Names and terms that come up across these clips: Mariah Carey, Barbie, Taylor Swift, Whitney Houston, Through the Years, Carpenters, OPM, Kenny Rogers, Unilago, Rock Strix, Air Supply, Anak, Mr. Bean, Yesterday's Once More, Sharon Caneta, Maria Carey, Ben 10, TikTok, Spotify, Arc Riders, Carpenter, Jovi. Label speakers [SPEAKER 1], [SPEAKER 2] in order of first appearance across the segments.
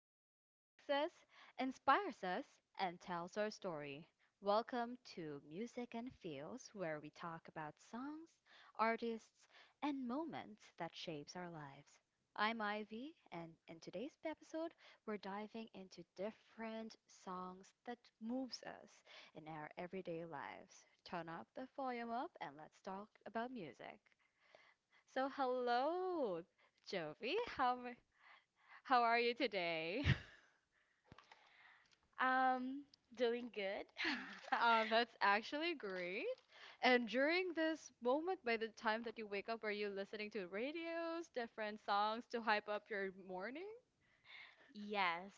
[SPEAKER 1] Music connects us, inspires us, and tells our story. Welcome to Music and Feels, where we talk about songs, artists, and moments that shapes our lives. I'm Ivy, and in today's episode, we're diving into different songs that moves us in our everyday lives. Turn up the volume up and let's talk about music. So, hello, Jovi. How are you today?
[SPEAKER 2] Um, Doing good.
[SPEAKER 1] That's actually great. And during this moment, by the time that you wake up, are you listening to radios, different songs to hype up your morning?
[SPEAKER 2] Yes.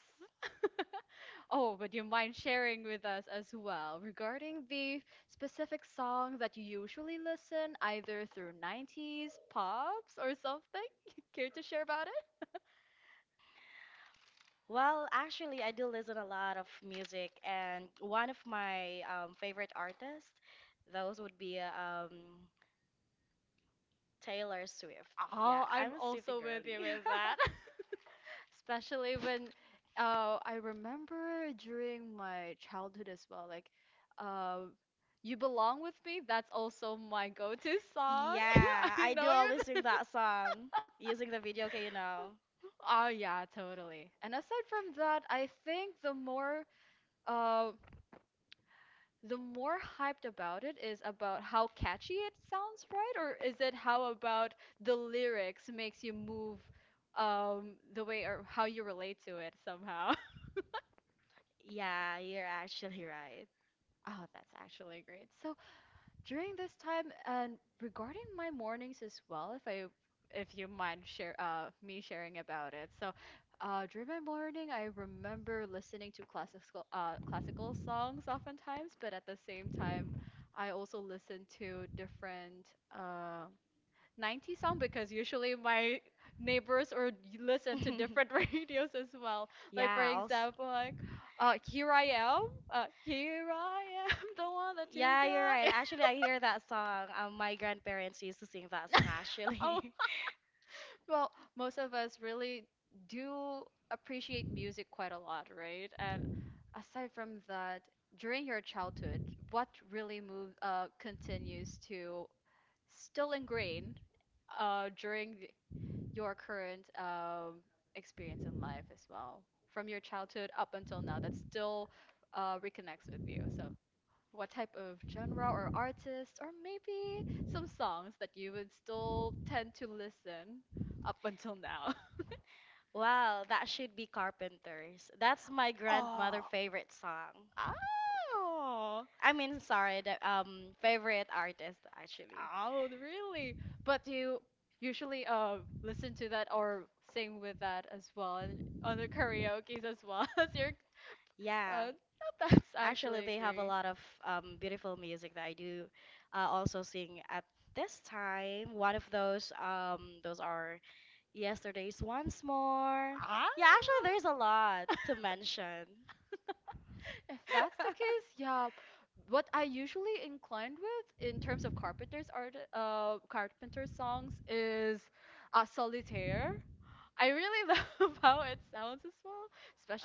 [SPEAKER 1] Oh, would you mind sharing with us as well regarding the specific song that you usually listen, either through '90s, pops, or something? Care to share about it?
[SPEAKER 2] Well, actually, I do listen a lot of music, and one of my favorite artists, those would be um, Taylor Swift. Yeah,
[SPEAKER 1] Oh, I'm
[SPEAKER 2] I'm a Swiftie
[SPEAKER 1] also with
[SPEAKER 2] girly.
[SPEAKER 1] you with that. especially when I remember during my childhood as well, like uh, "You Belong with Me." That's also my go-to song.
[SPEAKER 2] Yeah,
[SPEAKER 1] I
[SPEAKER 2] I do
[SPEAKER 1] know you.
[SPEAKER 2] always
[SPEAKER 1] Know.
[SPEAKER 2] sing that song using the video, okay,
[SPEAKER 1] Oh yeah, totally. And aside from that, I think the more uh, the more hyped about it is about how catchy it sounds, right? Or is it how about the lyrics makes you move, the way or how you relate to it somehow?
[SPEAKER 2] Yeah, you're actually right.
[SPEAKER 1] Oh, that's actually great. So, during this time and regarding my mornings as well, if you mind share me sharing about it. So, during my morning, I remember listening to classical songs oftentimes, but at the same time, I also listen to different uh '90s song because usually my neighbors or listen to different radios as well. Like for
[SPEAKER 2] Yeah, also.
[SPEAKER 1] example, here I am, the one that you
[SPEAKER 2] Yeah, you're right.
[SPEAKER 1] got.
[SPEAKER 2] Actually, I hear that song. My grandparents used to sing that song,
[SPEAKER 1] Oh,
[SPEAKER 2] actually.
[SPEAKER 1] well, most of us really do appreciate music quite a lot, right? And aside from that, during your childhood, what really move continues to still ingrain, uh, during th- your current, experience in life as well, from your childhood up until now, that still reconnects with you. So, what type of genre or artist, or maybe some songs that you would still tend to listen up until now?
[SPEAKER 2] Wow, that should be Carpenters. That's my grandmother'
[SPEAKER 1] Oh,
[SPEAKER 2] favorite song.
[SPEAKER 1] oh,
[SPEAKER 2] I mean, sorry, the favorite artist, actually.
[SPEAKER 1] oh, really? But do you usually listen to that or sing with that as well, and on the karaoke's as well as your
[SPEAKER 2] Yeah,
[SPEAKER 1] uh that's
[SPEAKER 2] actually,
[SPEAKER 1] actually
[SPEAKER 2] they have a
[SPEAKER 1] agree.
[SPEAKER 2] lot of beautiful music that I do also sing at this time. One of those, those are Yesterday's Once More.
[SPEAKER 1] Ah.
[SPEAKER 2] Yeah, actually, there's a lot to mention.
[SPEAKER 1] If that's the case, yeah. What I usually inclined with in terms of carpenter songs is, Solitaire. I really love how it sounds as well,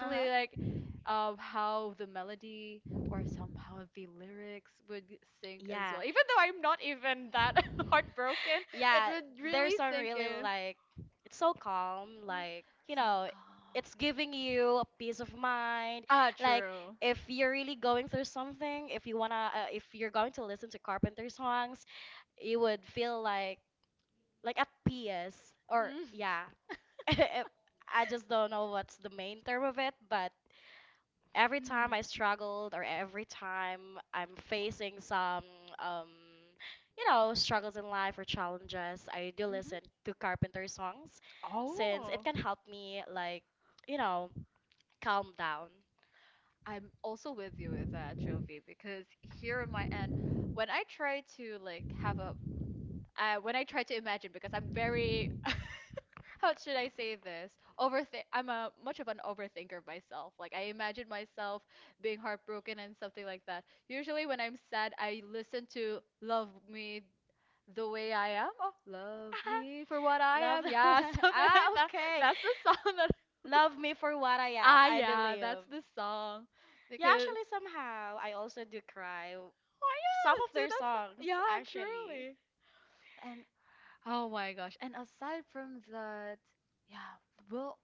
[SPEAKER 2] Uh-huh.
[SPEAKER 1] like, how the melody or somehow the lyrics would sync as
[SPEAKER 2] Yeah.
[SPEAKER 1] well. Even though I'm not even that heartbroken, it
[SPEAKER 2] Yeah,
[SPEAKER 1] would
[SPEAKER 2] their
[SPEAKER 1] really
[SPEAKER 2] song
[SPEAKER 1] sink
[SPEAKER 2] really
[SPEAKER 1] in.
[SPEAKER 2] like it's so calm, like, you
[SPEAKER 1] So
[SPEAKER 2] know,
[SPEAKER 1] calm.
[SPEAKER 2] it's giving you a peace of mind.
[SPEAKER 1] Ah,
[SPEAKER 2] Like
[SPEAKER 1] true.
[SPEAKER 2] if you're really going through something, if you wanna if you're going to listen to Carpenter songs, you would feel like at peace or
[SPEAKER 1] Mm.
[SPEAKER 2] yeah. I just don't know what's the main term of it, but every time
[SPEAKER 1] Mm.
[SPEAKER 2] I struggled or every time I'm facing some um struggles in life or challenges, I do
[SPEAKER 1] Hmm.
[SPEAKER 2] listen to Carpenter songs since it
[SPEAKER 1] Oh.
[SPEAKER 2] can help me you know calm down.
[SPEAKER 1] I'm also with you with that, Jovi, because here on my end, when I try to like when I try to imagine, because I'm very, how should I say this? Overthink. I'm a much of an overthinker myself. Like I imagine myself being heartbroken and something like that. Usually when I'm sad, I listen to "Love Me." The way I am, oh, love me for what I
[SPEAKER 2] Love
[SPEAKER 1] am, yeah, something like
[SPEAKER 2] ah
[SPEAKER 1] that.
[SPEAKER 2] okay.
[SPEAKER 1] That's the song that.
[SPEAKER 2] Love me for what I am.
[SPEAKER 1] Ah,
[SPEAKER 2] I
[SPEAKER 1] yeah, that's
[SPEAKER 2] believe.
[SPEAKER 1] the song
[SPEAKER 2] Yeah,
[SPEAKER 1] because.
[SPEAKER 2] actually somehow I also do cry
[SPEAKER 1] Oh yeah,
[SPEAKER 2] some of their
[SPEAKER 1] dude, that's,
[SPEAKER 2] songs
[SPEAKER 1] yeah,
[SPEAKER 2] actually.
[SPEAKER 1] truly. And oh my gosh, and aside from that, yeah, we'll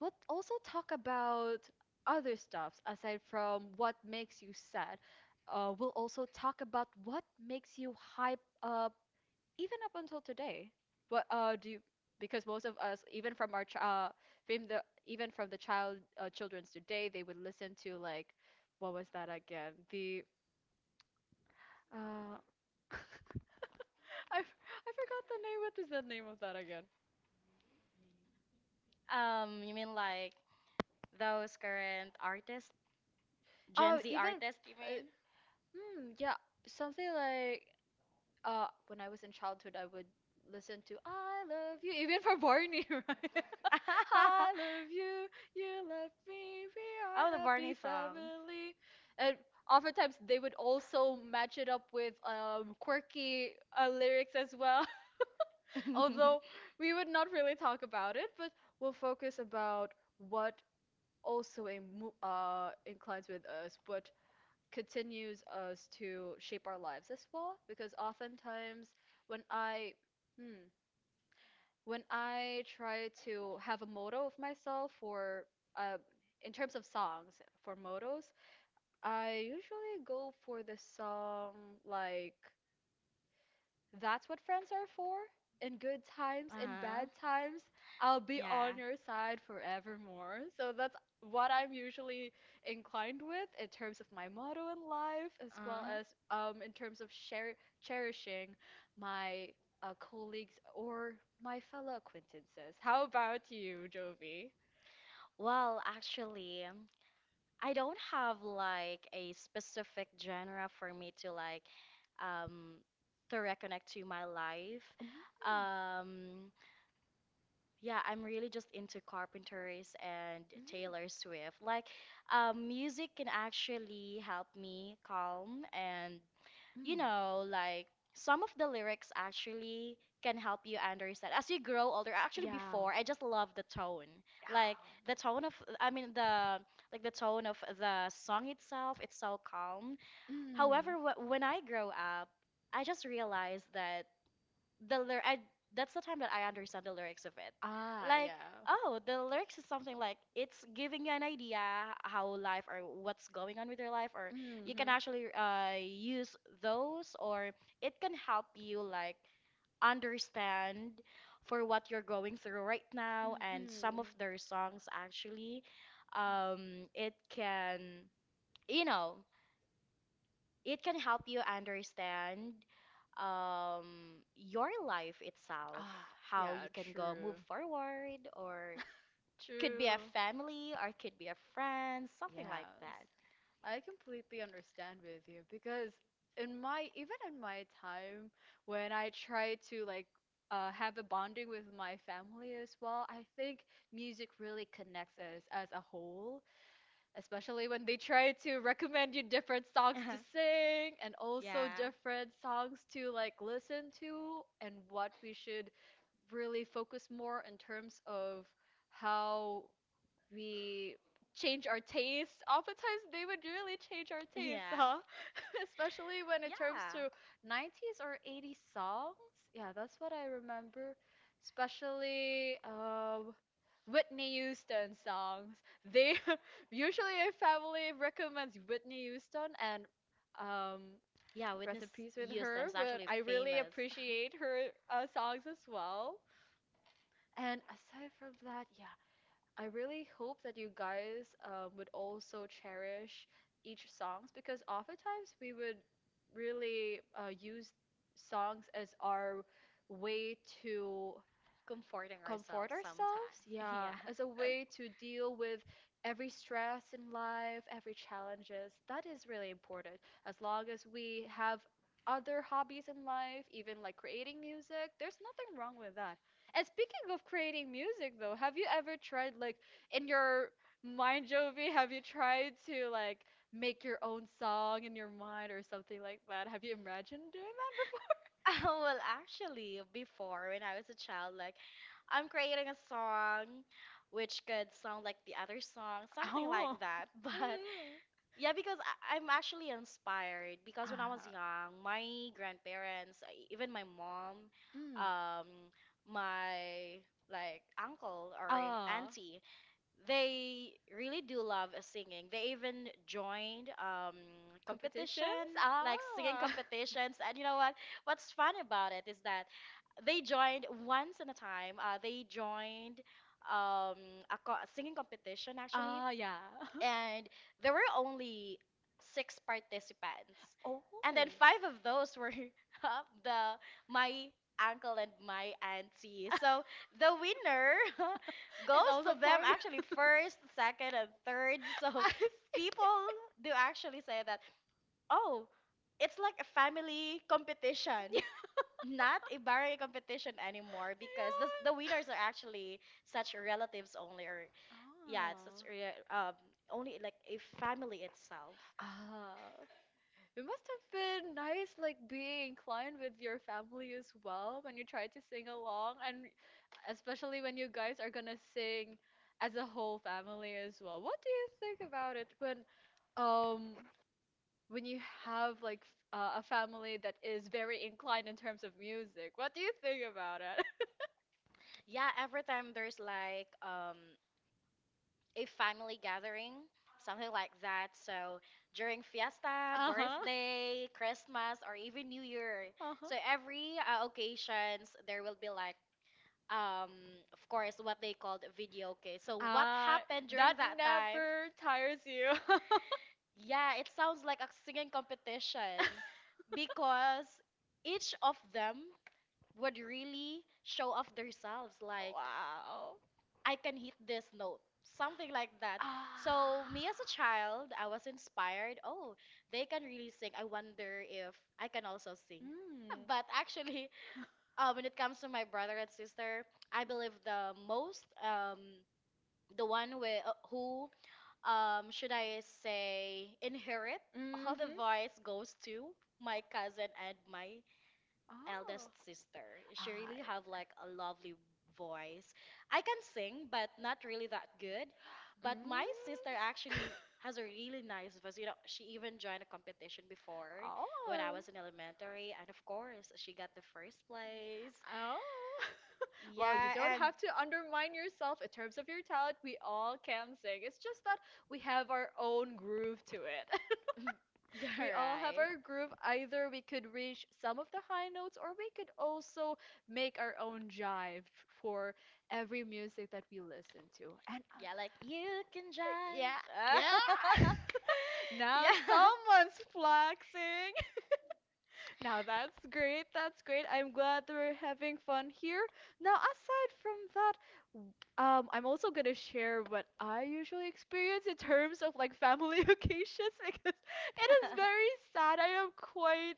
[SPEAKER 1] we'll also talk about other stuffs aside from what makes you sad. We'll also talk about what makes you hype up even up until today, what uh do you, because most of us, even from the, even from the, children's today, they would listen to like, what was that again, the uh I forgot the name. What is the name of that again?
[SPEAKER 2] You mean like those current artists Gen
[SPEAKER 1] Oh,
[SPEAKER 2] Z
[SPEAKER 1] even,
[SPEAKER 2] artist, you
[SPEAKER 1] uh,
[SPEAKER 2] mean?
[SPEAKER 1] yeah, something like, when I was in childhood, I would listen to "I Love You" even for Barney, right? I love you, you love me, we are
[SPEAKER 2] Oh, the Barney
[SPEAKER 1] happy
[SPEAKER 2] song.
[SPEAKER 1] family. And oftentimes they would also match it up with, quirky, lyrics as well. Although we would not really talk about it, but we'll focus about what also inclines with us, what continues us to shape our lives as well because oftentimes, when i hmm, when I try to have a motto of myself, for uh, in terms of songs for mottos, I usually go for the song like, that's what friends are for. In good times, in
[SPEAKER 2] Uh-huh.
[SPEAKER 1] bad times, I'll be on
[SPEAKER 2] Yeah.
[SPEAKER 1] your side forevermore. So that's what I'm usually inclined with in terms of my motto in life, as well
[SPEAKER 2] Uh-huh.
[SPEAKER 1] as, in terms of share cherishing my, colleagues or my fellow acquaintances. How about you, Jovi?
[SPEAKER 2] Well, actually, I don't have like a specific genre for me to um to reconnect to my life.
[SPEAKER 1] Mm.
[SPEAKER 2] Um yeah, I'm really just into Carpenters and
[SPEAKER 1] Mm.
[SPEAKER 2] Taylor Swift. Like music can actually help me calm and you
[SPEAKER 1] Mm.
[SPEAKER 2] know, like some of the lyrics actually can help you understand as you grow older. Actually,
[SPEAKER 1] Yeah.
[SPEAKER 2] before I just love the tone, like
[SPEAKER 1] Ah.
[SPEAKER 2] the tone of, I mean the tone of the song itself. It's so calm.
[SPEAKER 1] Mm.
[SPEAKER 2] However, when I grow up, I just realized that the lyr- I that's the time that I understand the lyrics of it.
[SPEAKER 1] Ah,
[SPEAKER 2] Like,
[SPEAKER 1] yeah.
[SPEAKER 2] oh, the lyrics is something like it's giving you an idea how life or what's going on with your life, or you can
[SPEAKER 1] Hmm.
[SPEAKER 2] actually use those, or it can help you like understand for what you're going through right now. And some of
[SPEAKER 1] Mhm.
[SPEAKER 2] their songs actually, it can, you know, it can help you understand your life itself,
[SPEAKER 1] Ah,
[SPEAKER 2] how
[SPEAKER 1] yeah,
[SPEAKER 2] you can go move
[SPEAKER 1] true.
[SPEAKER 2] forward or could be a
[SPEAKER 1] True.
[SPEAKER 2] family or could be a friend, something like
[SPEAKER 1] Yes.
[SPEAKER 2] that.
[SPEAKER 1] I completely understand with you because, in my even in my time when I try to like, have a bonding with my family as well, I think music really connects us as a whole. Especially when they try to recommend you different songs to sing and also
[SPEAKER 2] Yeah,
[SPEAKER 1] different songs to like listen to and what we should really focus more in terms of how we change our taste. Oftentimes, they would really change our taste,
[SPEAKER 2] yeah,
[SPEAKER 1] huh? Especially when it comes
[SPEAKER 2] yeah,
[SPEAKER 1] to '90s or '80s songs. Yeah, that's what I remember. Especially, Whitney Houston songs. They usually a family recommends Whitney Houston and, um,
[SPEAKER 2] yeah,
[SPEAKER 1] rest
[SPEAKER 2] witness
[SPEAKER 1] in peace with her.
[SPEAKER 2] Houston is
[SPEAKER 1] But
[SPEAKER 2] actually
[SPEAKER 1] I really
[SPEAKER 2] famous.
[SPEAKER 1] appreciate her, songs as well. And aside from that, yeah, I really hope that you guys, would also cherish each songs because oftentimes we would really, use songs as our way to
[SPEAKER 2] Comforting
[SPEAKER 1] comfort
[SPEAKER 2] ourselves
[SPEAKER 1] ourselves,
[SPEAKER 2] sometimes. Yeah.
[SPEAKER 1] yeah, as a way to deal with every stress in life, every challenges. That is really important. As long as we have other hobbies in life, even like creating music, there's nothing wrong with that. And speaking of creating music though, have you ever tried like, in your mind, Jovi, have you tried to like make your own song in your mind or something like that? Have you imagined doing that?
[SPEAKER 2] Well, actually, before when I was a child, like I'm creating a song which could sound like the other song, something like
[SPEAKER 1] Oh.
[SPEAKER 2] that. But
[SPEAKER 1] Mm.
[SPEAKER 2] yeah, because I'm actually inspired because when I was
[SPEAKER 1] Ah.
[SPEAKER 2] young, my grandparents, even my mom,
[SPEAKER 1] Mm.
[SPEAKER 2] um, my like uncle or
[SPEAKER 1] Ah.
[SPEAKER 2] auntie, they really do love singing. They even joined
[SPEAKER 1] Competitions?
[SPEAKER 2] competition, like singing
[SPEAKER 1] Ah.
[SPEAKER 2] competitions. And you know what? What's fun about it is that they joined once in a time. They joined um, a singing competition actually,
[SPEAKER 1] Ah, yeah.
[SPEAKER 2] and there were only 6 participants,
[SPEAKER 1] Oh.
[SPEAKER 2] and then five of those were the my uncle and my auntie, so the winner
[SPEAKER 1] It's
[SPEAKER 2] goes to
[SPEAKER 1] also
[SPEAKER 2] them,
[SPEAKER 1] part
[SPEAKER 2] actually
[SPEAKER 1] of.
[SPEAKER 2] first, second and third. So
[SPEAKER 1] I see.
[SPEAKER 2] people do actually say that, oh, it's like a family competition, not a barangay competition anymore because the,
[SPEAKER 1] Ayun.
[SPEAKER 2] the winners are actually such relatives only or yeah, it's just
[SPEAKER 1] Ah.
[SPEAKER 2] rea- um only like a family itself.
[SPEAKER 1] Ah. It must have been nice, like being inclined with your family as well when you try to sing along, and especially when you guys are gonna sing as a whole family as well. What do you think about it when, um when you have like, a family that is very inclined in terms of music? What do you think about it?
[SPEAKER 2] Yeah, every time there's like a family gathering, something like that. So during fiesta,
[SPEAKER 1] Uh huh.
[SPEAKER 2] birthday, Christmas, or even New Year.
[SPEAKER 1] Uh huh.
[SPEAKER 2] So every occasions there will be like um of course what they called video okay. So what
[SPEAKER 1] Ah,
[SPEAKER 2] happened during
[SPEAKER 1] that
[SPEAKER 2] that time?
[SPEAKER 1] never tires you.
[SPEAKER 2] Yeah, it sounds like a singing competition because each of them would really show off themselves like
[SPEAKER 1] wow.
[SPEAKER 2] I can hit this note something like that. So
[SPEAKER 1] Ah.
[SPEAKER 2] me as a child I was inspired, oh, they can really sing, I wonder if I can also sing.
[SPEAKER 1] Mm.
[SPEAKER 2] But actually, when it comes to my brother and sister, I believe the most the one with, who should I say inherit all the
[SPEAKER 1] Mm-hmm.
[SPEAKER 2] voice goes to my cousin and my eldest
[SPEAKER 1] Oh.
[SPEAKER 2] sister. She
[SPEAKER 1] Ah.
[SPEAKER 2] really have like a lovely voice. I can sing, but not really that good. But my
[SPEAKER 1] Mm.
[SPEAKER 2] sister actually has a really nice voice. You know, she even joined a competition before when I
[SPEAKER 1] Oh.
[SPEAKER 2] was in elementary, and of course, she got the first place.
[SPEAKER 1] Oh. well, you
[SPEAKER 2] Yeah,
[SPEAKER 1] don't
[SPEAKER 2] and
[SPEAKER 1] have to undermine yourself in terms of your talent. We all can sing. It's just that we have our own groove to it.
[SPEAKER 2] you're
[SPEAKER 1] We all have
[SPEAKER 2] right.
[SPEAKER 1] our groove. Either we could reach some of the high notes, or we could also make our own jive for every music that we listen to. And
[SPEAKER 2] Yeah, like you can
[SPEAKER 1] Yeah,
[SPEAKER 2] drive.
[SPEAKER 1] yeah. Now
[SPEAKER 2] Yeah.
[SPEAKER 1] someone's flexing. Now that's great. That's great. I'm glad that we're having fun here. Now, aside from that, w- I'm also gonna share what I usually experience in terms of like family occasions because it is very sad. I am quite,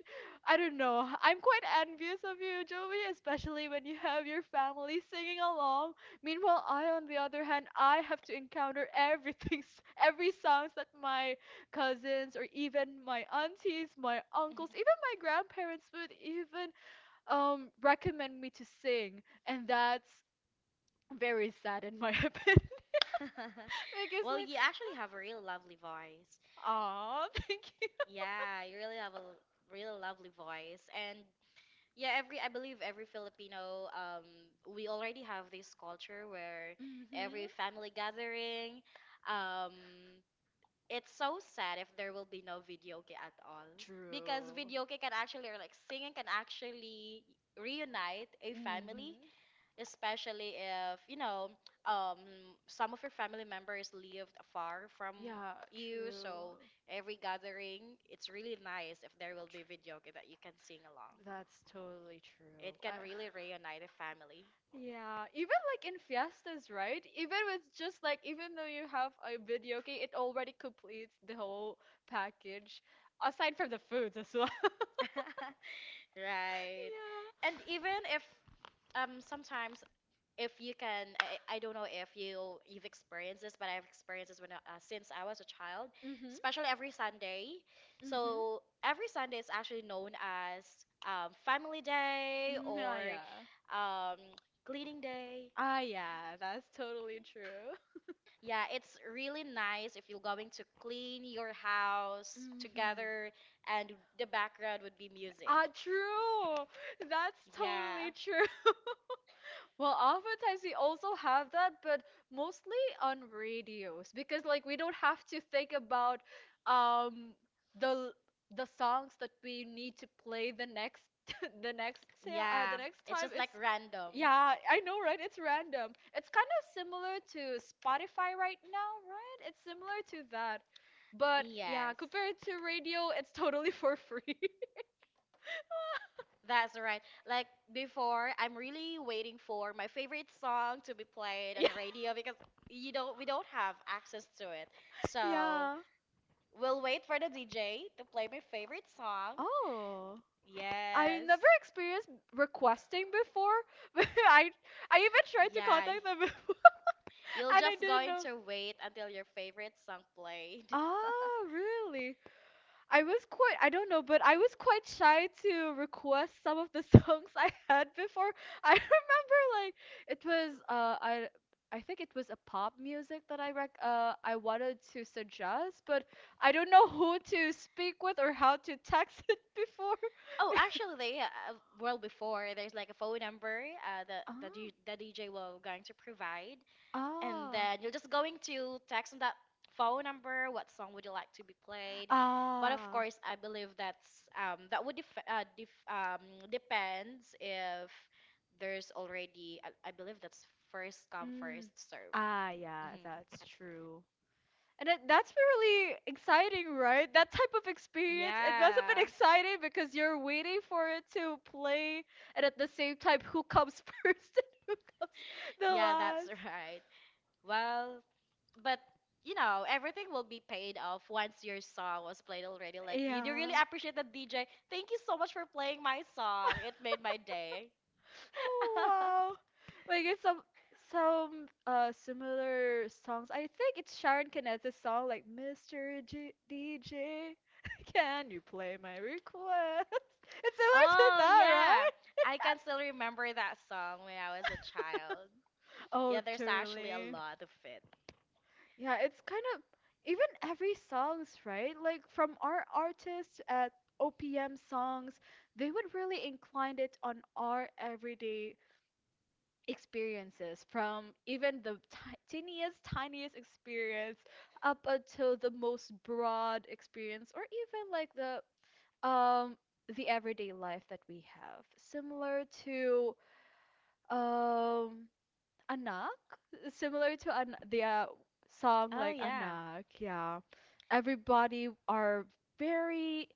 [SPEAKER 1] I don't know, I'm quite envious of you, Joey, especially when you have your family singing along. Meanwhile, I, on the other hand, I have to encounter everything, every songs that my cousins or even my aunties, my uncles, my grandparents would even, recommend me to sing, and that's very sad in my opinion because
[SPEAKER 2] Well,
[SPEAKER 1] like,
[SPEAKER 2] you actually have a really lovely voice.
[SPEAKER 1] ah, thank you.
[SPEAKER 2] Yeah, you really have a really lovely voice, and yeah, every I believe every Filipino, we already have this culture where every
[SPEAKER 1] Mm-hmm.
[SPEAKER 2] family gathering, um, it's so sad if there will be no videoke at all because
[SPEAKER 1] True.
[SPEAKER 2] videoke can actually or like singing can actually reunite a family,
[SPEAKER 1] Mm-hmm.
[SPEAKER 2] especially if you know some of your family members lived far from
[SPEAKER 1] Yeah,
[SPEAKER 2] you,
[SPEAKER 1] true.
[SPEAKER 2] so every gathering it's really nice if there will be
[SPEAKER 1] Tr-
[SPEAKER 2] video game that you can sing along.
[SPEAKER 1] That's totally
[SPEAKER 2] It
[SPEAKER 1] true.
[SPEAKER 2] can
[SPEAKER 1] I.
[SPEAKER 2] really reunite a family.
[SPEAKER 1] Yeah, even like in fiestas, right? Even with just like even though you have a video game, it already completes the whole package, aside from the foods as well.
[SPEAKER 2] Right. And even if sometimes if you can I don't know if you've experienced this but I've experienced this when since I was a child,
[SPEAKER 1] Yeah. Mm-hmm.
[SPEAKER 2] especially every Sunday.
[SPEAKER 1] Mm-hmm.
[SPEAKER 2] So every Sunday is actually known as family day
[SPEAKER 1] Mm, ah,
[SPEAKER 2] or
[SPEAKER 1] yeah.
[SPEAKER 2] um, cleaning day.
[SPEAKER 1] Ah, yeah, that's totally true.
[SPEAKER 2] Yeah, it's really nice if you're going to clean your house
[SPEAKER 1] Mm-hmm.
[SPEAKER 2] together and the background would be music.
[SPEAKER 1] Ah, true. That's
[SPEAKER 2] Yeah.
[SPEAKER 1] totally true. Well, oftentimes we also have that, but mostly on radios because like we don't have to think about, um the the songs that we need to play the next,
[SPEAKER 2] Yeah,
[SPEAKER 1] the next
[SPEAKER 2] it's
[SPEAKER 1] time.
[SPEAKER 2] just
[SPEAKER 1] It's
[SPEAKER 2] like random.
[SPEAKER 1] yeah, I know, right? It's random. It's kind of similar to Spotify right now, right? It's similar to that. But yeah,
[SPEAKER 2] Yes.
[SPEAKER 1] compared to radio, it's totally for free.
[SPEAKER 2] That's right. Like before, I'm really waiting for my favorite song to be played on
[SPEAKER 1] Yeah.
[SPEAKER 2] the radio because you don't we don't have access to it. So
[SPEAKER 1] Yeah.
[SPEAKER 2] we'll wait for the DJ to play my favorite song.
[SPEAKER 1] Oh. I've
[SPEAKER 2] Yes.
[SPEAKER 1] never experienced requesting before. but I even tried to
[SPEAKER 2] Yeah.
[SPEAKER 1] contact them before
[SPEAKER 2] You're
[SPEAKER 1] and I
[SPEAKER 2] just
[SPEAKER 1] didn't
[SPEAKER 2] going
[SPEAKER 1] know.
[SPEAKER 2] to wait until your favorite song played.
[SPEAKER 1] Ah, really? I was quite, I don't know, but I was quite shy to request some of the songs I had before. I remember like it was I think it was a pop music that I wanted to suggest, but I don't know who to speak with or how to text it before.
[SPEAKER 2] Oh, actually, they well before there's like a phone number that
[SPEAKER 1] Ah.
[SPEAKER 2] the DJ will going to provide, and
[SPEAKER 1] Ah.
[SPEAKER 2] then you're just going to text on that phone number what song would you like to be played, but of
[SPEAKER 1] Ah.
[SPEAKER 2] course I believe that's that would depends if there's already I believe that's first come first
[SPEAKER 1] Mm.
[SPEAKER 2] serve.
[SPEAKER 1] Ah, yeah,
[SPEAKER 2] Hmm.
[SPEAKER 1] that's true. And that's really exciting, right? That type of experience, it must have been
[SPEAKER 2] Yeah,
[SPEAKER 1] exciting because you're waiting for it to play, and at the same time, who comes first and who comes the
[SPEAKER 2] yeah that's
[SPEAKER 1] last.
[SPEAKER 2] right. Well, but you know everything will be paid off once your song was played already, like you do really
[SPEAKER 1] Yeah.
[SPEAKER 2] appreciate the DJ, thank you so much for playing my song, it made my day.
[SPEAKER 1] Oh, wow. Like it's some similar songs. I think it's Sharon Caneta's song like Mr. G DJ, can you play my request? It's similar to
[SPEAKER 2] Oh
[SPEAKER 1] that,
[SPEAKER 2] yeah,
[SPEAKER 1] right?
[SPEAKER 2] I can still remember that song when I was a child.
[SPEAKER 1] Oh,
[SPEAKER 2] Yeah, there's actually a
[SPEAKER 1] truly.
[SPEAKER 2] lot of it.
[SPEAKER 1] Yeah, it's kind of even every songs, right? Like from our artists at OPM songs, they would really incline it on our everyday experiences, from even the ti teeniest, tiniest experience up until the most broad experience, or even like um the everyday life that we have. Similar to um Anak, similar to an their song
[SPEAKER 2] Oh
[SPEAKER 1] like
[SPEAKER 2] yeah.
[SPEAKER 1] Anak, yeah. Everybody are very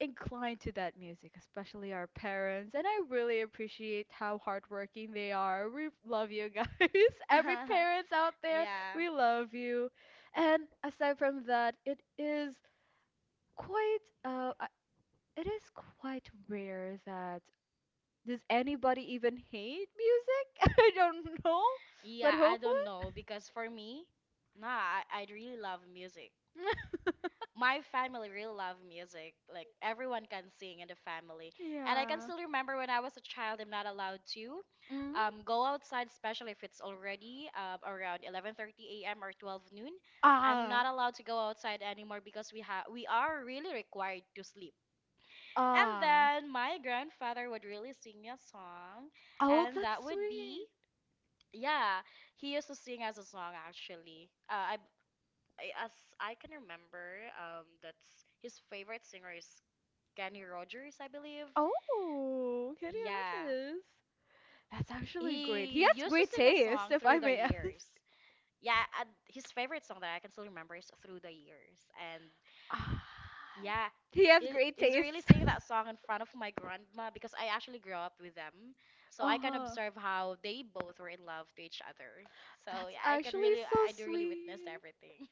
[SPEAKER 1] inclined to that music, especially our parents, and I really appreciate how hardworking they are. We love you guys. Every parents out there,
[SPEAKER 2] Yeah.
[SPEAKER 1] we love you. And aside from that, quite uh uh, it is quite rare that does anybody even hate music? I don't know, but
[SPEAKER 2] Yeah, I don't know
[SPEAKER 1] hopefully.
[SPEAKER 2] because for me, nah, I really love music. My family really love music. Like everyone can sing in the family. And I can
[SPEAKER 1] Yeah.
[SPEAKER 2] still remember when I was a child, I'm not allowed to
[SPEAKER 1] Mm.
[SPEAKER 2] go outside, especially if it's already around 11:30 a.m. or 12 noon. I'm
[SPEAKER 1] Ah.
[SPEAKER 2] not allowed to go outside anymore because we are really required to sleep. And
[SPEAKER 1] Ah.
[SPEAKER 2] then my grandfather would really sing me a song,
[SPEAKER 1] Oh,
[SPEAKER 2] and that
[SPEAKER 1] that's
[SPEAKER 2] would be
[SPEAKER 1] sweet.
[SPEAKER 2] yeah. He used to sing as a song actually. As I can remember, that's his favorite singer is Kenny Rogers, I believe.
[SPEAKER 1] Oh, Kenny
[SPEAKER 2] Yeah,
[SPEAKER 1] Rogers. That's actually great. He
[SPEAKER 2] he
[SPEAKER 1] has
[SPEAKER 2] used to
[SPEAKER 1] great
[SPEAKER 2] sing a
[SPEAKER 1] taste,
[SPEAKER 2] song
[SPEAKER 1] if
[SPEAKER 2] through
[SPEAKER 1] I
[SPEAKER 2] the
[SPEAKER 1] may ask.
[SPEAKER 2] years. Yeah, and his favorite song that I can still remember is Through the Years, and
[SPEAKER 1] Ah,
[SPEAKER 2] yeah,
[SPEAKER 1] he has
[SPEAKER 2] he
[SPEAKER 1] great
[SPEAKER 2] is really
[SPEAKER 1] taste.
[SPEAKER 2] singing that song in front of my grandma because I actually grew up with them, so I can
[SPEAKER 1] Uh-huh.
[SPEAKER 2] observe how they both were in love to each other. So
[SPEAKER 1] That's
[SPEAKER 2] yeah, I can
[SPEAKER 1] actually
[SPEAKER 2] really,
[SPEAKER 1] so
[SPEAKER 2] I do really witness
[SPEAKER 1] sweet.
[SPEAKER 2] everything.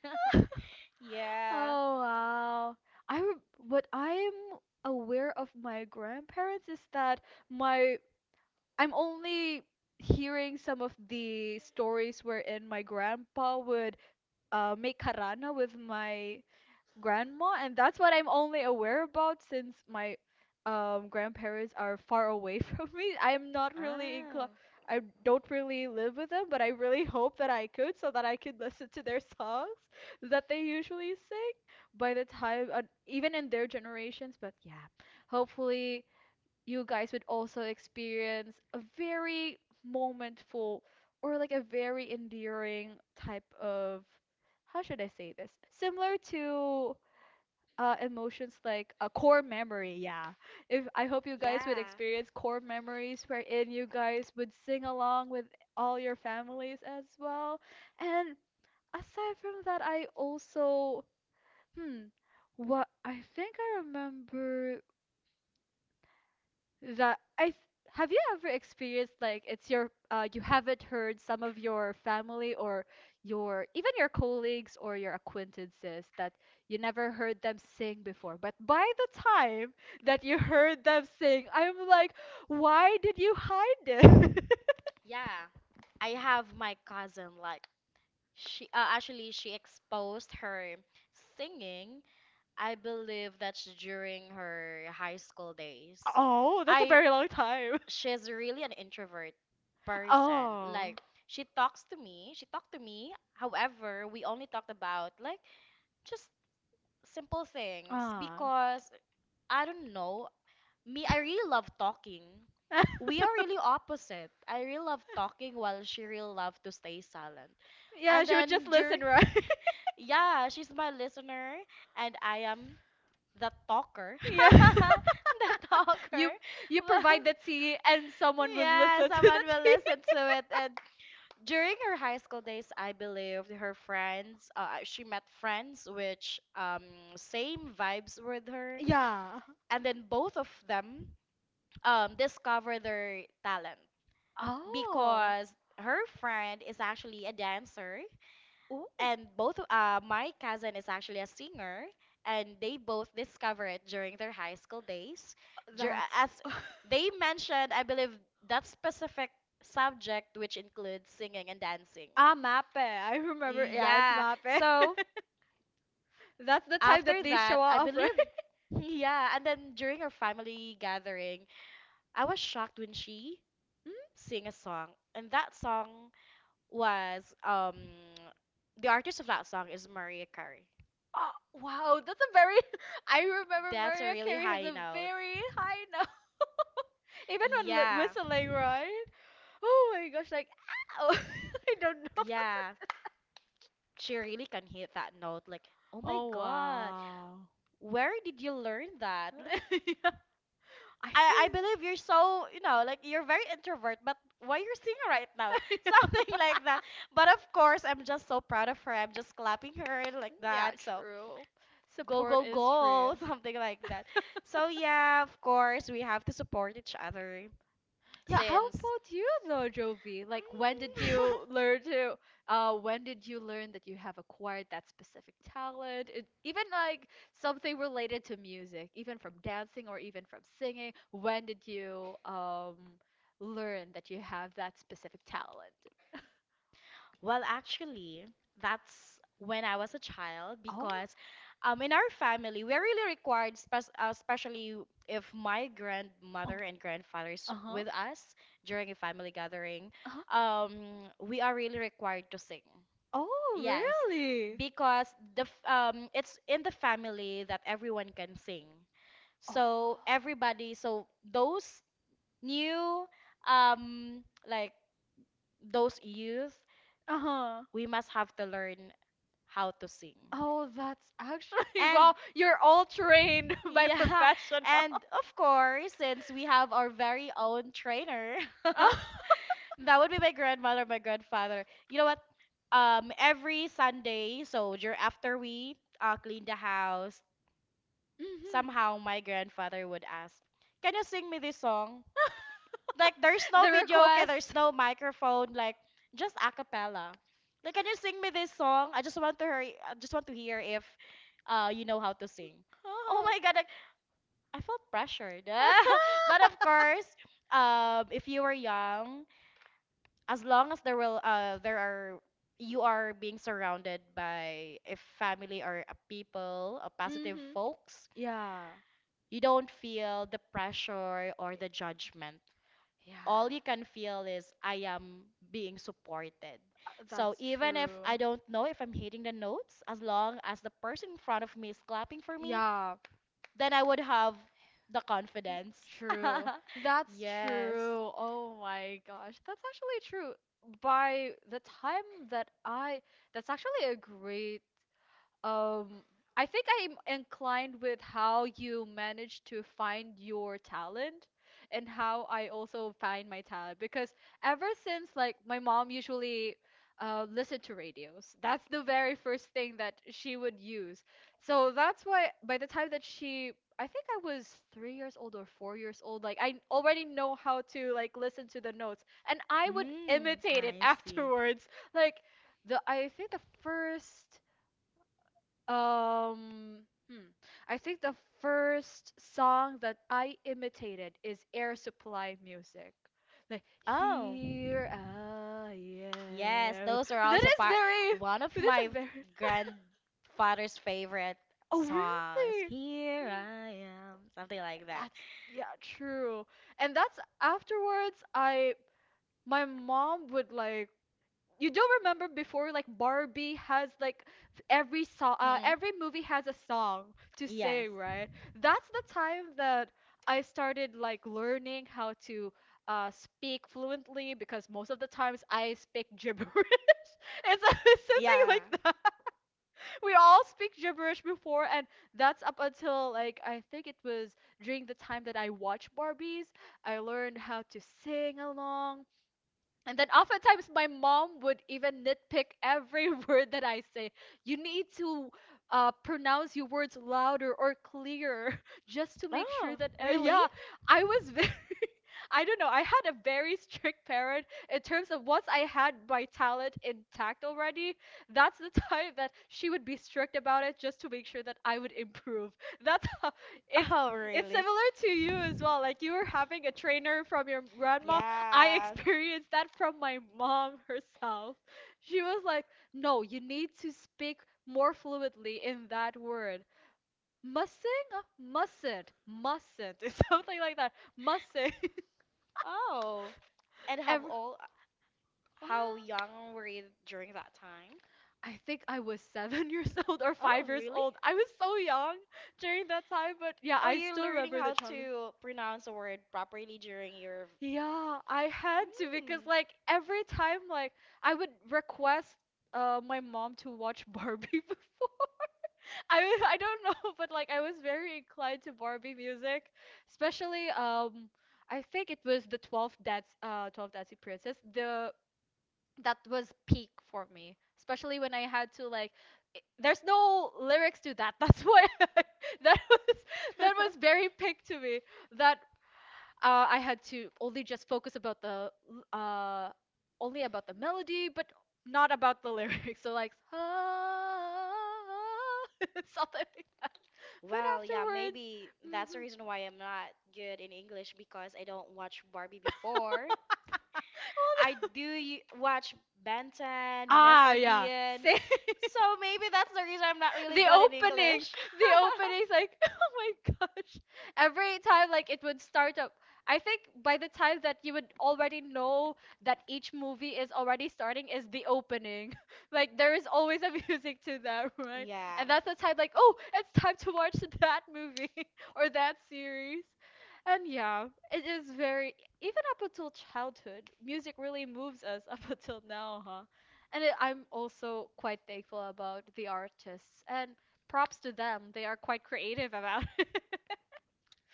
[SPEAKER 2] Yeah.
[SPEAKER 1] Oh wow. What I am aware of my grandparents is that my I'm only hearing some of the stories wherein my grandpa would make karana with my grandma, and that's what I'm only aware about since my grandparents are far away from me. I'm not really in cl-
[SPEAKER 2] Oh,
[SPEAKER 1] I don't really live with them, but I really hope that I could so that I could listen to their songs that they usually sing by the time even in their generations, but yeah. Hopefully you guys would also experience a very momentful or like a very endearing type of how should I say this? Similar to emotions like a core memory, yeah, if I hope you guys would
[SPEAKER 2] yeah.
[SPEAKER 1] experience core memories wherein you guys would sing along with all your families as well. And aside from that, I also hmm what I think I remember that I th- have you ever experienced like it's your you haven't heard some of your family or your even your colleagues or your acquaintances that you never heard them sing before, but by the time that you heard them sing, I'm like, why did you hide it?
[SPEAKER 2] Yeah, I have my cousin like she actually she exposed her singing. I believe that's during her high school days.
[SPEAKER 1] Oh, that's a
[SPEAKER 2] I
[SPEAKER 1] very long time.
[SPEAKER 2] She's really an introvert person.
[SPEAKER 1] Oh,
[SPEAKER 2] Like she talks to me, she talked to me. However, we only talked about like just simple things
[SPEAKER 1] ah.
[SPEAKER 2] because I don't know. Me, I really love talking. We are really opposite. I really love talking while she really love to stay silent.
[SPEAKER 1] Yeah,
[SPEAKER 2] And
[SPEAKER 1] she would just
[SPEAKER 2] then
[SPEAKER 1] listen,
[SPEAKER 2] during,
[SPEAKER 1] right?
[SPEAKER 2] yeah, she's my listener and I am the talker.
[SPEAKER 1] Yeah.
[SPEAKER 2] The talker.
[SPEAKER 1] You you
[SPEAKER 2] Well,
[SPEAKER 1] provide the tea and someone would
[SPEAKER 2] yeah,
[SPEAKER 1] listen to
[SPEAKER 2] someone
[SPEAKER 1] the
[SPEAKER 2] will
[SPEAKER 1] tea.
[SPEAKER 2] listen to it. And during her high school days, I believe her friends, she met friends which same vibes with her.
[SPEAKER 1] Yeah.
[SPEAKER 2] And then both of them discover their talent
[SPEAKER 1] Oh. Ooh.
[SPEAKER 2] because her friend is actually a dancer
[SPEAKER 1] Oh,
[SPEAKER 2] and both my cousin is actually a singer, and they both discover it during their high school days.
[SPEAKER 1] yeah, that's.
[SPEAKER 2] As they mentioned, I believe that specific subject which includes singing and dancing.
[SPEAKER 1] Ah, Mape. I remember. Yeah, it's
[SPEAKER 2] Yeah,
[SPEAKER 1] Mape.
[SPEAKER 2] so
[SPEAKER 1] That's the time that
[SPEAKER 2] after
[SPEAKER 1] they show,
[SPEAKER 2] that, I
[SPEAKER 1] yeah, off, right?
[SPEAKER 2] believe, yeah, and then during our family gathering, I was shocked when she
[SPEAKER 1] Mm?
[SPEAKER 2] sing a song, and that song was the artist of that song is Maria Carey.
[SPEAKER 1] Oh, wow, that's a very. I remember
[SPEAKER 2] That's a
[SPEAKER 1] Maria
[SPEAKER 2] really
[SPEAKER 1] Carey has
[SPEAKER 2] high
[SPEAKER 1] a
[SPEAKER 2] note.
[SPEAKER 1] very high note, even when
[SPEAKER 2] Yeah,
[SPEAKER 1] whistling, right? Oh my gosh, like, ow! I don't know.
[SPEAKER 2] yeah. She really can hit that note. Like, oh my
[SPEAKER 1] Oh
[SPEAKER 2] god,
[SPEAKER 1] wow.
[SPEAKER 2] where did you learn that? Like,
[SPEAKER 1] Yeah, I
[SPEAKER 2] I
[SPEAKER 1] think.
[SPEAKER 2] believe you're so, you know, like you're very introvert, but why you're singing right now? Something like that. But of course, I'm just so proud of her. I'm just clapping her like
[SPEAKER 1] Yeah,
[SPEAKER 2] that. So
[SPEAKER 1] true.
[SPEAKER 2] go
[SPEAKER 1] Support
[SPEAKER 2] go
[SPEAKER 1] is
[SPEAKER 2] go,
[SPEAKER 1] true.
[SPEAKER 2] something like that. So yeah, of course we have to support each other
[SPEAKER 1] Yeah, how
[SPEAKER 2] since.
[SPEAKER 1] about you though, Jovi? Like, when did
[SPEAKER 2] Mm,
[SPEAKER 1] you learn to, when did you learn that you have acquired that specific talent? It, even like something related to music, even from dancing or even from singing, when did you learn that you have that specific talent?
[SPEAKER 2] Well, actually, that's when I was a child
[SPEAKER 1] Oh,
[SPEAKER 2] because in our family, we're really required, especially if my grandmother
[SPEAKER 1] oh,
[SPEAKER 2] and grandfather is
[SPEAKER 1] uh-huh,
[SPEAKER 2] with us during a family gathering.
[SPEAKER 1] uh-huh.
[SPEAKER 2] We are really required to sing.
[SPEAKER 1] Oh,
[SPEAKER 2] Yes,
[SPEAKER 1] really?
[SPEAKER 2] because it's in the family that everyone can sing. So
[SPEAKER 1] Oh,
[SPEAKER 2] everybody, so those new, like, those youth,
[SPEAKER 1] uh-huh.
[SPEAKER 2] we must have to learn how to sing.
[SPEAKER 1] Oh, that's actually
[SPEAKER 2] And
[SPEAKER 1] wow. You're all trained by
[SPEAKER 2] yeah,
[SPEAKER 1] professional.
[SPEAKER 2] and of course, since we have our very own trainer, that would be my grandmother, my grandfather. You know what? Every Sunday, so after we clean the house,
[SPEAKER 1] Hmm.
[SPEAKER 2] somehow my grandfather would ask, "Can you sing me this song?" Like, there's no
[SPEAKER 1] The
[SPEAKER 2] video, okay, there's
[SPEAKER 1] request.
[SPEAKER 2] no microphone, like just a cappella. Like, can you sing me this song? I just want to hear if you know how to sing. Oh
[SPEAKER 1] Oh.
[SPEAKER 2] my god, like, I felt pressured. But of course, if you were young, as long as there are, you are being surrounded by a family or a people, a positive
[SPEAKER 1] Hmm.
[SPEAKER 2] folks,
[SPEAKER 1] Yeah.
[SPEAKER 2] you don't feel the pressure or the judgment.
[SPEAKER 1] Yeah.
[SPEAKER 2] All you can feel is I am being supported. So
[SPEAKER 1] That's
[SPEAKER 2] even if
[SPEAKER 1] true.
[SPEAKER 2] I don't know if I'm hitting the notes, as long as the person in front of me is clapping for me,
[SPEAKER 1] Yeah.
[SPEAKER 2] then I would have the
[SPEAKER 1] Y-
[SPEAKER 2] confidence.
[SPEAKER 1] True. That's
[SPEAKER 2] Yes.
[SPEAKER 1] true. Oh my gosh. That's actually true. By the time that I, That's actually a great um, I think I'm inclined with how you manage to find your talent and how I also find my talent because ever since like my mom usually listened to radios. That's the very first thing that she would use. So that's why by the time that she I think I was 3 years old or 4 years old. Like I already know how to like listen to the notes, and I would
[SPEAKER 2] Mm,
[SPEAKER 1] imitate it
[SPEAKER 2] I see.
[SPEAKER 1] afterwards. Like the I think the first um, hmm. I think the first song that I imitated is Air Supply music. Like,
[SPEAKER 2] Oh,
[SPEAKER 1] here I
[SPEAKER 2] yes,
[SPEAKER 1] am.
[SPEAKER 2] those are
[SPEAKER 1] That
[SPEAKER 2] also
[SPEAKER 1] is
[SPEAKER 2] part
[SPEAKER 1] very,
[SPEAKER 2] one of my
[SPEAKER 1] that's a very,
[SPEAKER 2] grandfather's favorite
[SPEAKER 1] oh,
[SPEAKER 2] songs.
[SPEAKER 1] really?
[SPEAKER 2] Here
[SPEAKER 1] Hmm,
[SPEAKER 2] I am, something like that.
[SPEAKER 1] that's, yeah, true. And that's afterwards, my mom would like, you do remember before like Barbie has like
[SPEAKER 2] Mm-mm.
[SPEAKER 1] every movie has a song to
[SPEAKER 2] Yes.
[SPEAKER 1] sing, right? That's the time that I started like learning how to speak fluently because most of the times I speak gibberish. It's something
[SPEAKER 2] Yeah.
[SPEAKER 1] like that. We all speak gibberish before, and that's up until like I think it was during the time that I watched Barbies. I learned how to sing along. And then oftentimes my mom would even nitpick every word that I say. You need to pronounce your words louder or clearer just to make sure
[SPEAKER 2] Oh,
[SPEAKER 1] that,
[SPEAKER 2] really?
[SPEAKER 1] yeah, I was very, I don't know, I had a very strict parent in terms of once I had my talent intact already, that's the time that she would be strict about it just to make sure that I would improve. That's how it's.
[SPEAKER 2] Oh,
[SPEAKER 1] It's
[SPEAKER 2] really?
[SPEAKER 1] similar to you as well. Like you were having a trainer from your grandma. I
[SPEAKER 2] Yeah.
[SPEAKER 1] experienced that from my mom herself. She was like, "No, you need to speak more fluently in that word. Mussing? Mustn't. Mustn't." It's something like that. Mussing.
[SPEAKER 2] Oh, and how
[SPEAKER 1] Every,
[SPEAKER 2] old, how
[SPEAKER 1] ah,
[SPEAKER 2] young were you during that time?
[SPEAKER 1] I think I was 7 years old or
[SPEAKER 2] Oh,
[SPEAKER 1] 5 years
[SPEAKER 2] really?
[SPEAKER 1] old. I was so young during that time, but yeah,
[SPEAKER 2] Oh,
[SPEAKER 1] I
[SPEAKER 2] you're
[SPEAKER 1] still
[SPEAKER 2] learning
[SPEAKER 1] remember the
[SPEAKER 2] how
[SPEAKER 1] childhood.
[SPEAKER 2] to pronounce a word properly during your.
[SPEAKER 1] Yeah, I had to because
[SPEAKER 2] Mm.
[SPEAKER 1] like every time like I would request my mom to watch Barbie before. I don't know, but like I was very inclined to Barbie music, especially I think it was the 12 Dancing Princess. The That was peak for me, especially when I had to like there's no lyrics to that. That's why that was, that was very peak to me that I had to only just focus about only about the melody, but not about the lyrics. So like ah, something like that. But
[SPEAKER 2] Well, yeah,
[SPEAKER 1] afterwards,
[SPEAKER 2] maybe that's the
[SPEAKER 1] mhm.
[SPEAKER 2] reason why I'm not good in English because I don't watch Barbie before.
[SPEAKER 1] Well,
[SPEAKER 2] I
[SPEAKER 1] no.
[SPEAKER 2] watch Ben 10,
[SPEAKER 1] Ah
[SPEAKER 2] Mr.
[SPEAKER 1] yeah,
[SPEAKER 2] Bean,
[SPEAKER 1] same.
[SPEAKER 2] so maybe that's the reason I'm not really
[SPEAKER 1] The
[SPEAKER 2] good in
[SPEAKER 1] openings,
[SPEAKER 2] English.
[SPEAKER 1] the openings, like, oh my gosh. Every time, like, it would start up. I think by the time that you would already know that each movie is already starting is the opening. Like, there is always a music to that, right?
[SPEAKER 2] Yeah,
[SPEAKER 1] And that's the time, like, oh, it's time to watch that movie or that series. And yeah, it is very, even up until childhood, music really moves us up until now, huh? And it, I'm also quite thankful about the artists and props to them. They are quite creative about it.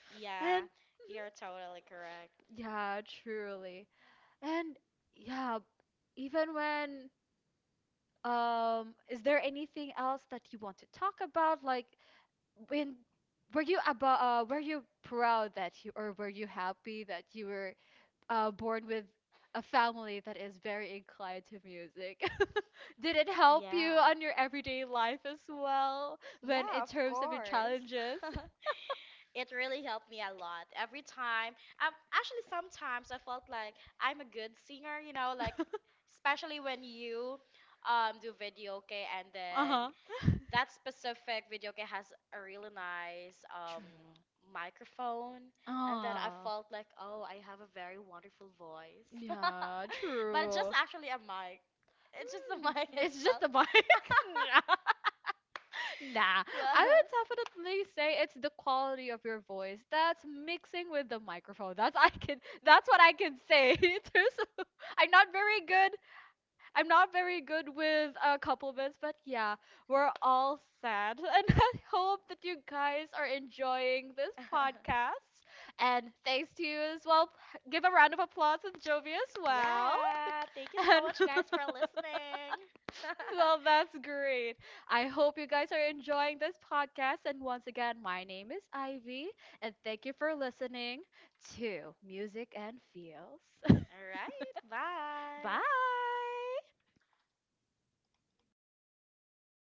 [SPEAKER 2] yeah,
[SPEAKER 1] And
[SPEAKER 2] you're totally correct.
[SPEAKER 1] yeah, truly. And yeah, even when is there anything else that you want to talk about like when were you proud that you or were you happy that you were born with a family that is very inclined to music. Did it help you
[SPEAKER 2] Yeah.
[SPEAKER 1] on your everyday life as well when
[SPEAKER 2] Yeah,
[SPEAKER 1] in
[SPEAKER 2] of
[SPEAKER 1] terms of your
[SPEAKER 2] course.
[SPEAKER 1] challenges?
[SPEAKER 2] It really helped me a lot. Every time, actually, sometimes I felt like I'm a good singer, you know, like especially when you do video, okay, and then
[SPEAKER 1] Uh-huh.
[SPEAKER 2] that specific video game has a really nice
[SPEAKER 1] True.
[SPEAKER 2] microphone, and then I
[SPEAKER 1] Ah,
[SPEAKER 2] felt like, oh, I have a very wonderful voice,
[SPEAKER 1] yeah,
[SPEAKER 2] but it's just
[SPEAKER 1] true.
[SPEAKER 2] actually a mic, it's just the
[SPEAKER 1] Hmm,
[SPEAKER 2] mic
[SPEAKER 1] it's just
[SPEAKER 2] itself.
[SPEAKER 1] the mic. Nah. Nah. I
[SPEAKER 2] Well,
[SPEAKER 1] would definitely say it's the quality of your voice that's mixing with the microphone. That's I can. That's what I can say in terms of. I'm not very good I'm not very good with compliments, but yeah, we're all sad. And I hope that you guys are enjoying this podcast. And thanks to you as well. Give a round of applause to Jovi as well.
[SPEAKER 2] yeah, thank you so
[SPEAKER 1] And
[SPEAKER 2] much guys for listening.
[SPEAKER 1] well, that's great. I hope you guys are enjoying this podcast. And once again, my name is Ivy, and thank you for listening to Music and Feels.
[SPEAKER 2] All right, bye.
[SPEAKER 1] Bye.